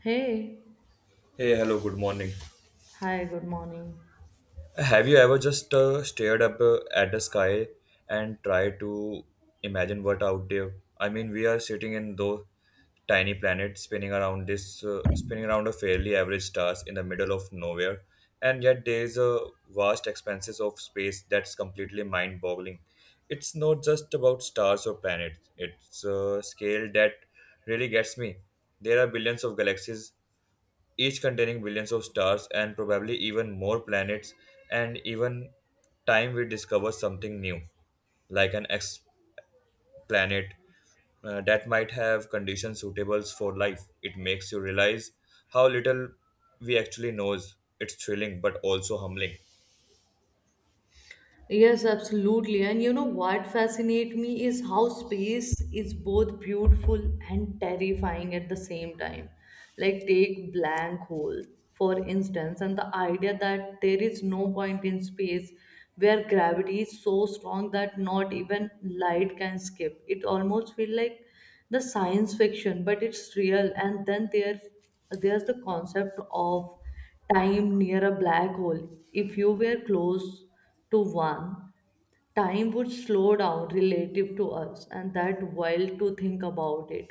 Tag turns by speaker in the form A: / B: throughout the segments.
A: Hey,
B: Hey, hello, good morning.
A: hi, good morning.
B: Have you ever just stared up at the sky and tried to imagine what out there? I mean, we are sitting in those tiny planets spinning around a fairly average stars in the middle of nowhere, and yet there is a vast expanses of space that's completely mind-boggling. It's not just about stars or planets; it's a scale that really gets me. There are billions of galaxies each containing billions of stars and probably even more planets and even time we discover something new like an ex-planet that might have conditions suitable for life. It makes you realize how little we actually knows. It's thrilling but also humbling.
A: Yes, absolutely. And you know what fascinates me is how space is both beautiful and terrifying at the same time. Like, take blank hole, for instance, and the idea that there is no point in space where gravity is so strong that not even light can skip. It almost feels like the science fiction, but it's real. And then there's the concept of time near a black hole. If you were close to one, time would slow down relative to us, and that wild to think about it.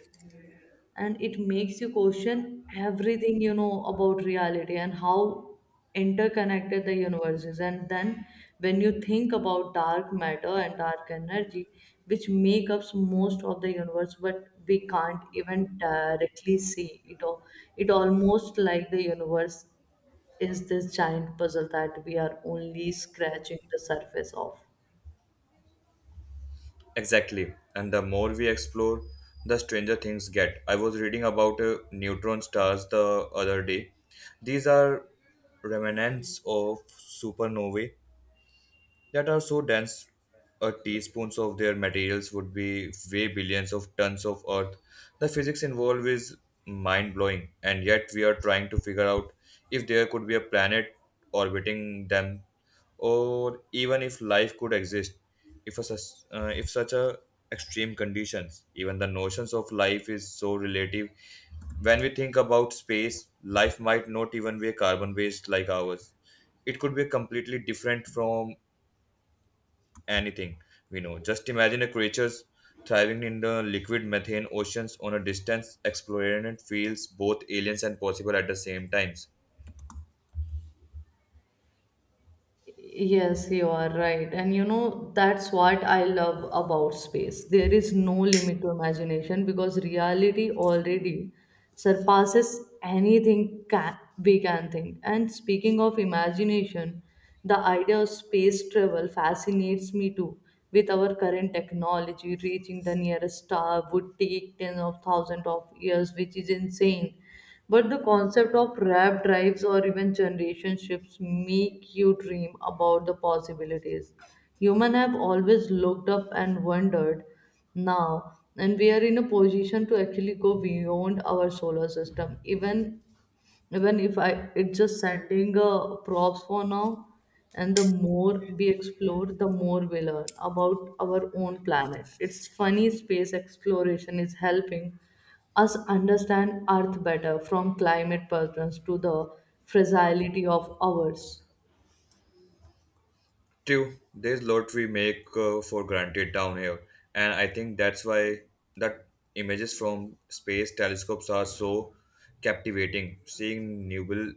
A: And it makes you question everything you know about reality and how interconnected the universe is. And then when you think about dark matter and dark energy, which make up most of the universe, but we can't even directly see it all. It almost like the universe is this giant puzzle that we are only scratching the surface of.
B: Exactly. And the more we explore, the stranger things get. I was reading about neutron stars the other day. These are remnants of supernovae that are so dense a teaspoons of their materials would be weigh billions of tons of earth. The physics involved is mind-blowing, and yet we are trying to figure out if there could be a planet orbiting them, or even if life could exist if such a extreme conditions. Even the notions of life is so relative when we think about space. Life might not even be a carbon based like ours; it could be completely different from anything we know. Just imagine a creatures thriving in the liquid methane oceans on a distance exploring feels both aliens and possible at the same times.
A: Yes, you are right. And you know, that's what I love about space. There is no limit to imagination because reality already surpasses anything ca we can think. And speaking of imagination, the idea of space travel fascinates me too. With our current technology, reaching the nearest star would take tens of thousands of years, which is insane. But the concept of rap drives or even generation shifts make you dream about the possibilities. Human have always looked up and wondered now, and we are in a position to actually go beyond our solar system, even if I it's just sending props for now. And the more we explore, the more we learn about our own planet. It's funny, space exploration is helping us understand Earth better, from climate patterns to the fragility of ours.
B: True, this lot we make for granted down here, and I think that's why that images from space telescopes are so captivating. Seeing nubile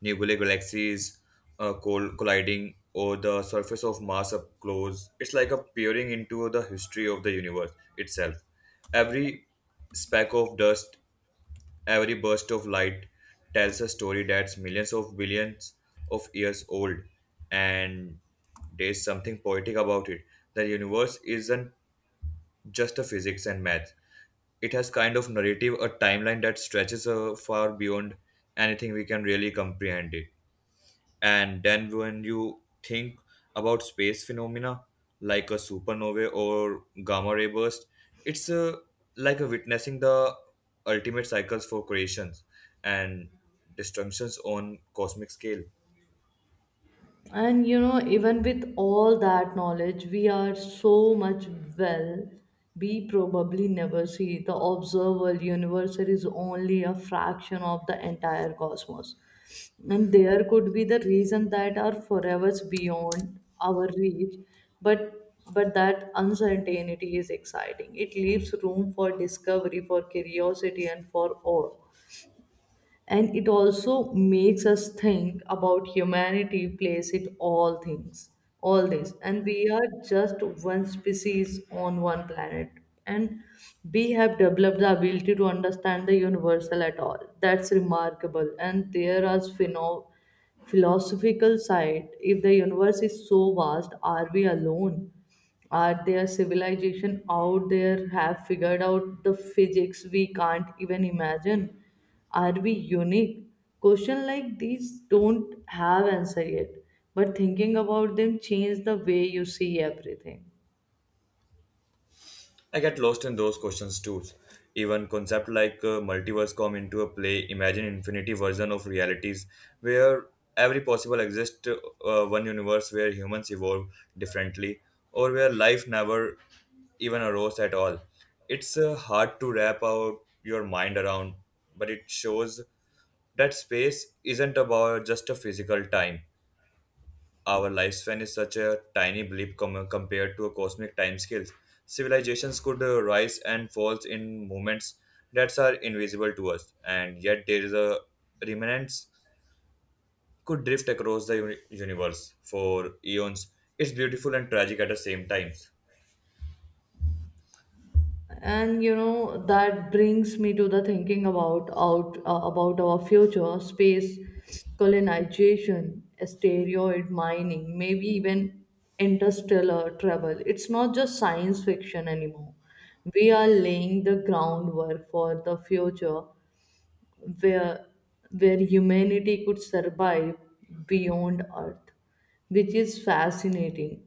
B: Nebulae galaxies colliding or the surface of Mars up close. It's like a peering into the history of the universe itself. Every speck of dust, every burst of light tells a story that's millions of billions of years old, and there's something poetic about it. The universe isn't just a physics and math. It has kind of narrative, a timeline that stretches far beyond anything we can really comprehend it. And then when you think about space phenomena like a supernova or gamma ray burst, it's like a witnessing the ultimate cycles for creations and destructions on cosmic scale.
A: And you know, even with all that knowledge, we are so much, well, we probably never see. The observable universe is only a fraction of the entire cosmos, and there could be the reason that are forever beyond our reach. But that uncertainty is exciting. It leaves room for discovery, for curiosity, and for awe. And it also makes us think about humanity plays it all things, all this, and we are just one species on one planet. And we have developed the ability to understand the universal at all. That's remarkable. And there is philosophical side. If the universe is so vast, are we alone? Are their civilization out there have figured out the physics we can't even imagine? Are we unique? Question like these don't have answer yet, but thinking about them change the way you see everything.
B: I get lost in those questions too. Even concept like multiverse come into a play. Imagine infinity version of realities where every possible exists one universe where humans evolve differently, or where life never even arose at all. It's hard to wrap out your mind around, but it shows that space isn't about just a physical time. Our lifespan is such a tiny blip compared to a cosmic timescales. Civilizations could rise and falls in moments that are invisible to us, and yet there is a remnants could drift across the universe for eons. It's beautiful and tragic at the same time.
A: And you know, that brings me to the thinking about our future. Space colonization, asteroid mining, maybe even interstellar travel, it's not just science fiction anymore. We are laying the groundwork for the future where where humanity could survive beyond Earth, which is fascinating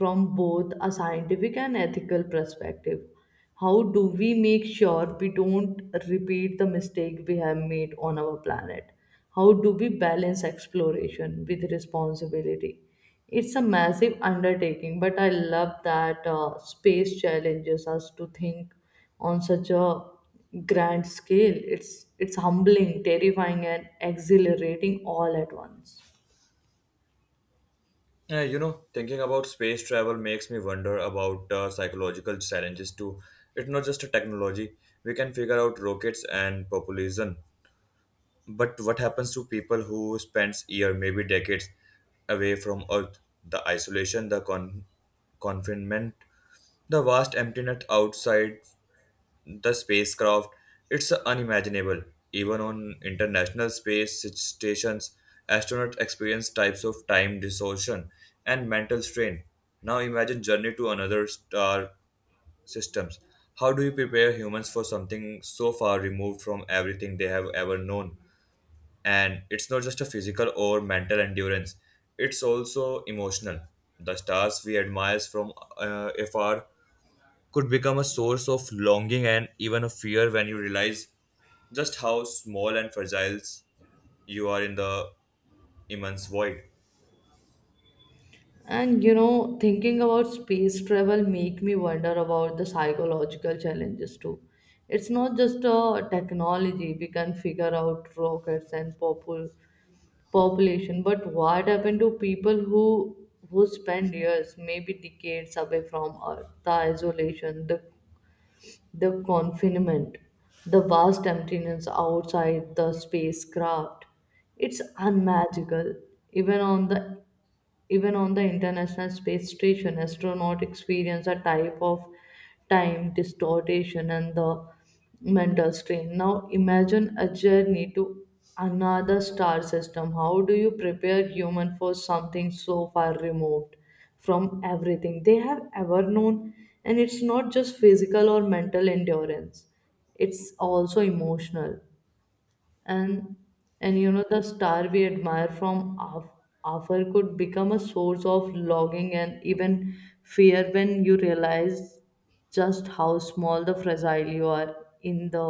A: from both a scientific and ethical perspective. How do we make sure we don't repeat the mistake we have made on our planet? How do we balance exploration with responsibility? It's a massive undertaking, but I love that space challenges us to think on such a grand scale. It's humbling, terrifying, and exhilarating all at once.
B: Thinking about space travel makes me wonder about psychological challenges too. It's not just a technology. We can figure out rockets and population, but what happens to people who spends year, maybe decades, away from Earth? The isolation, the confinement, the vast emptiness outside the spacecraft. It's unimaginable. Even on international space stations, astronauts experience types of time distortion and mental strain. Now imagine journey to another star systems. How do you prepare humans for something so far removed from everything they have ever known? And it's not just a physical or mental endurance; it's also emotional. The stars we admire from afar could become a source of longing and even a fear when you realize just how small and fragile you are in the immense void.
A: And you know, thinking about space travel make me wonder about the psychological challenges too. It's not just a technology, we can figure out rockets and population, but what happened to people who spend years, maybe decades away from Earth, the isolation, the confinement, the vast emptiness outside the spacecraft. It's unmagical, even on the even on the International Space Station, astronauts experience a type of time distortion and the mental strain. Now, imagine a journey to another star system. How do you prepare human for something so far removed from everything they have ever known? And it's not just physical or mental endurance; it's also emotional. And and you know, the star we admire from afar could become a source of longing and even fear when you realize just how small the fragile you are in the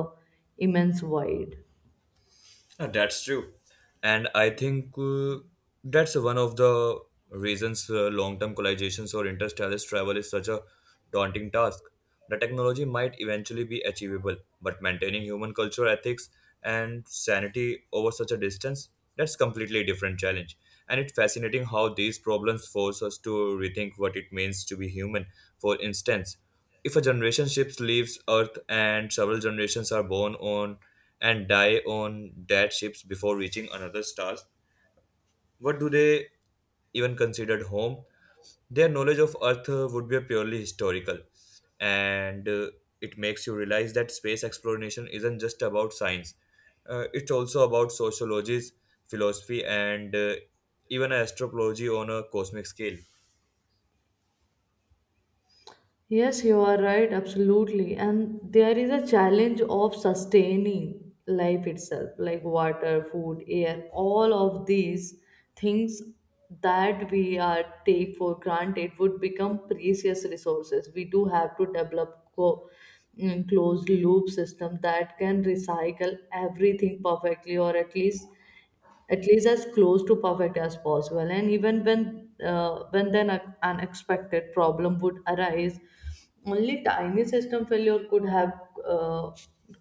A: immense void.
B: Yeah, that's true. And I think that's one of the reasons long term collizations or interstellar travel is such a daunting task. The technology might eventually be achievable, but maintaining human culture, ethics, and sanity over such a distance, that's completely different challenge. And it's fascinating how these problems force us to rethink what it means to be human. For instance, if a generation ship leaves Earth and several generations are born on and die on that ships before reaching another star, what do they even considered home? Their knowledge of Earth would be purely historical, and it makes you realize that space exploration isn't just about science. It's also about sociologies, philosophy, and even astrology on a cosmic scale.
A: Yes, you are right, absolutely. And there is a challenge of sustaining life itself, like water, food, air, all of these things that we are take for granted would become precious resources. We do have to develop closed loop system that can recycle everything perfectly, or at least as close to perfect as possible. And even when then an unexpected problem would arise, only tiny system failure could have uh,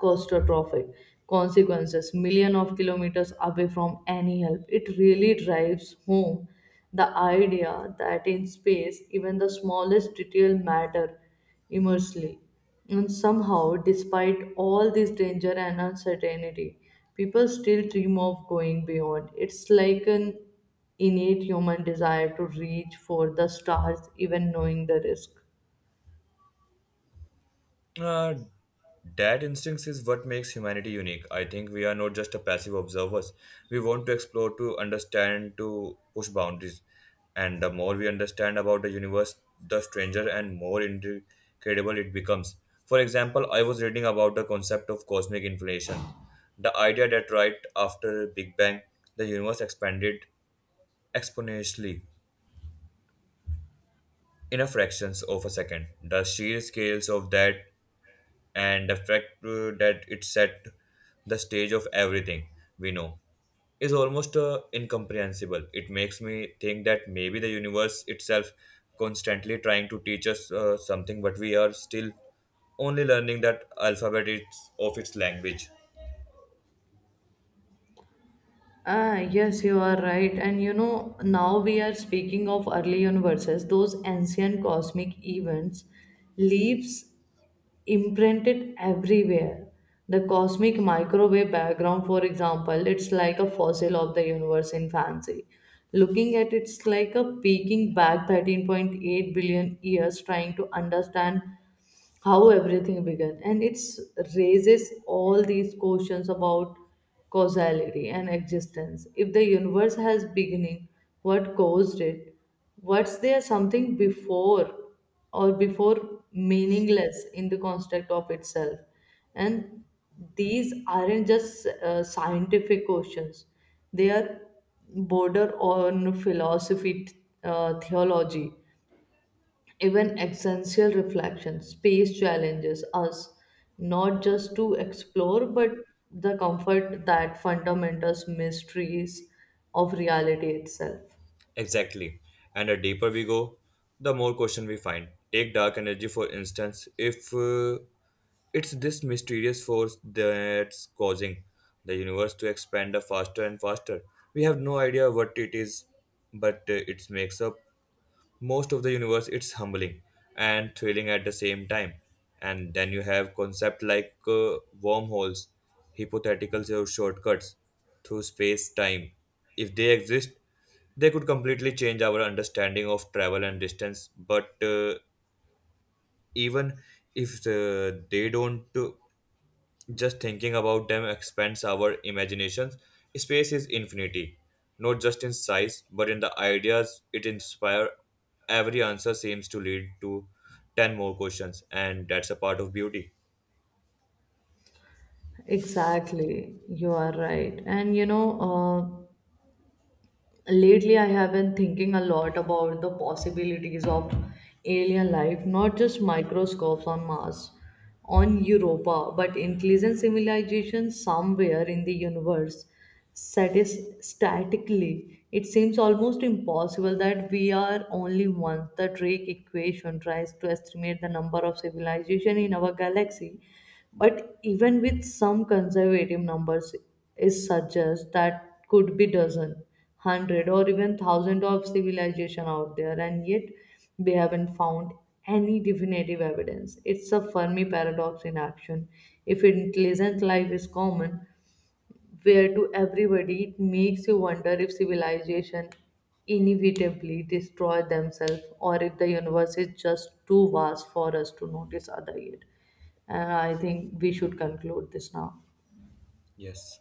A: catastrophic consequences million of kilometers away from any help. It really drives home the idea that in space, even the smallest detail matter immensely. And somehow, despite all this danger and uncertainty, people still dream of going beyond. It's like an innate human desire to reach for the stars, even knowing the risk.
B: Uh, that instincts is what makes humanity unique. I think we are not just a passive observers. We want to explore, to understand, to push boundaries. And the more we understand about the universe, the stranger and more incredible it becomes. For example, I was reading about the concept of cosmic inflation, the idea that right after Big Bang, the universe expanded exponentially in a fractions of a second. The sheer scales of that and the fact that it set the stage of everything we know is almost incomprehensible. It makes me think that maybe the universe itself constantly trying to teach us something, but we are still only learning that alphabet it's, of its language.
A: Ah, yes, you are right. And you know, now we are speaking of early universes, those ancient cosmic events, leaps imprinted everywhere. The cosmic microwave background, for example, it's like a fossil of the universe in fancy. Looking at it's like a peeking back 13.8 billion years trying to understand how everything began. And it raises all these questions about causality and existence. If the universe has beginning, what caused it? Was there something before, or before meaningless in the construct of itself? And these aren't just scientific questions, they are border on philosophy, theology, even existential reflection. Space challenges us not just to explore, but the comfort that fundamental mysteries of reality itself.
B: Exactly. And the deeper we go, the more question we find. Take dark energy for instance. If it's this mysterious force that's causing the universe to expand faster and faster, we have no idea what it is, but it makes up most of the universe. It's humbling and thrilling at the same time. And then you have concept like wormholes, hypothetical or shortcuts through space time. If they exist, they could completely change our understanding of travel and distance. But even if they don't, just thinking about them expands our imaginations. Space is infinity, not just in size, but in the ideas it inspires. Every answer seems to lead to 10 more questions, and that's a part of beauty.
A: Exactly, you are right. And you know, lately I have been thinking a lot about the possibilities of alien life, not just microscopes on Mars, on Europa, but intelligent civilization somewhere in the universe. Statically, it seems almost impossible that we are only one. The Drake equation tries to estimate the number of civilization in our galaxy, but even with some conservative numbers, it suggests that could be dozen, hundred, or even thousand of civilization out there. And yet we haven't found any definitive evidence. It's a Fermi paradox in action. If intelligent life is common, where to everybody? It makes you wonder if civilization inevitably destroy themselves, or if the universe is just too vast for us to notice other yet. And I think we should conclude this now.
B: Yes.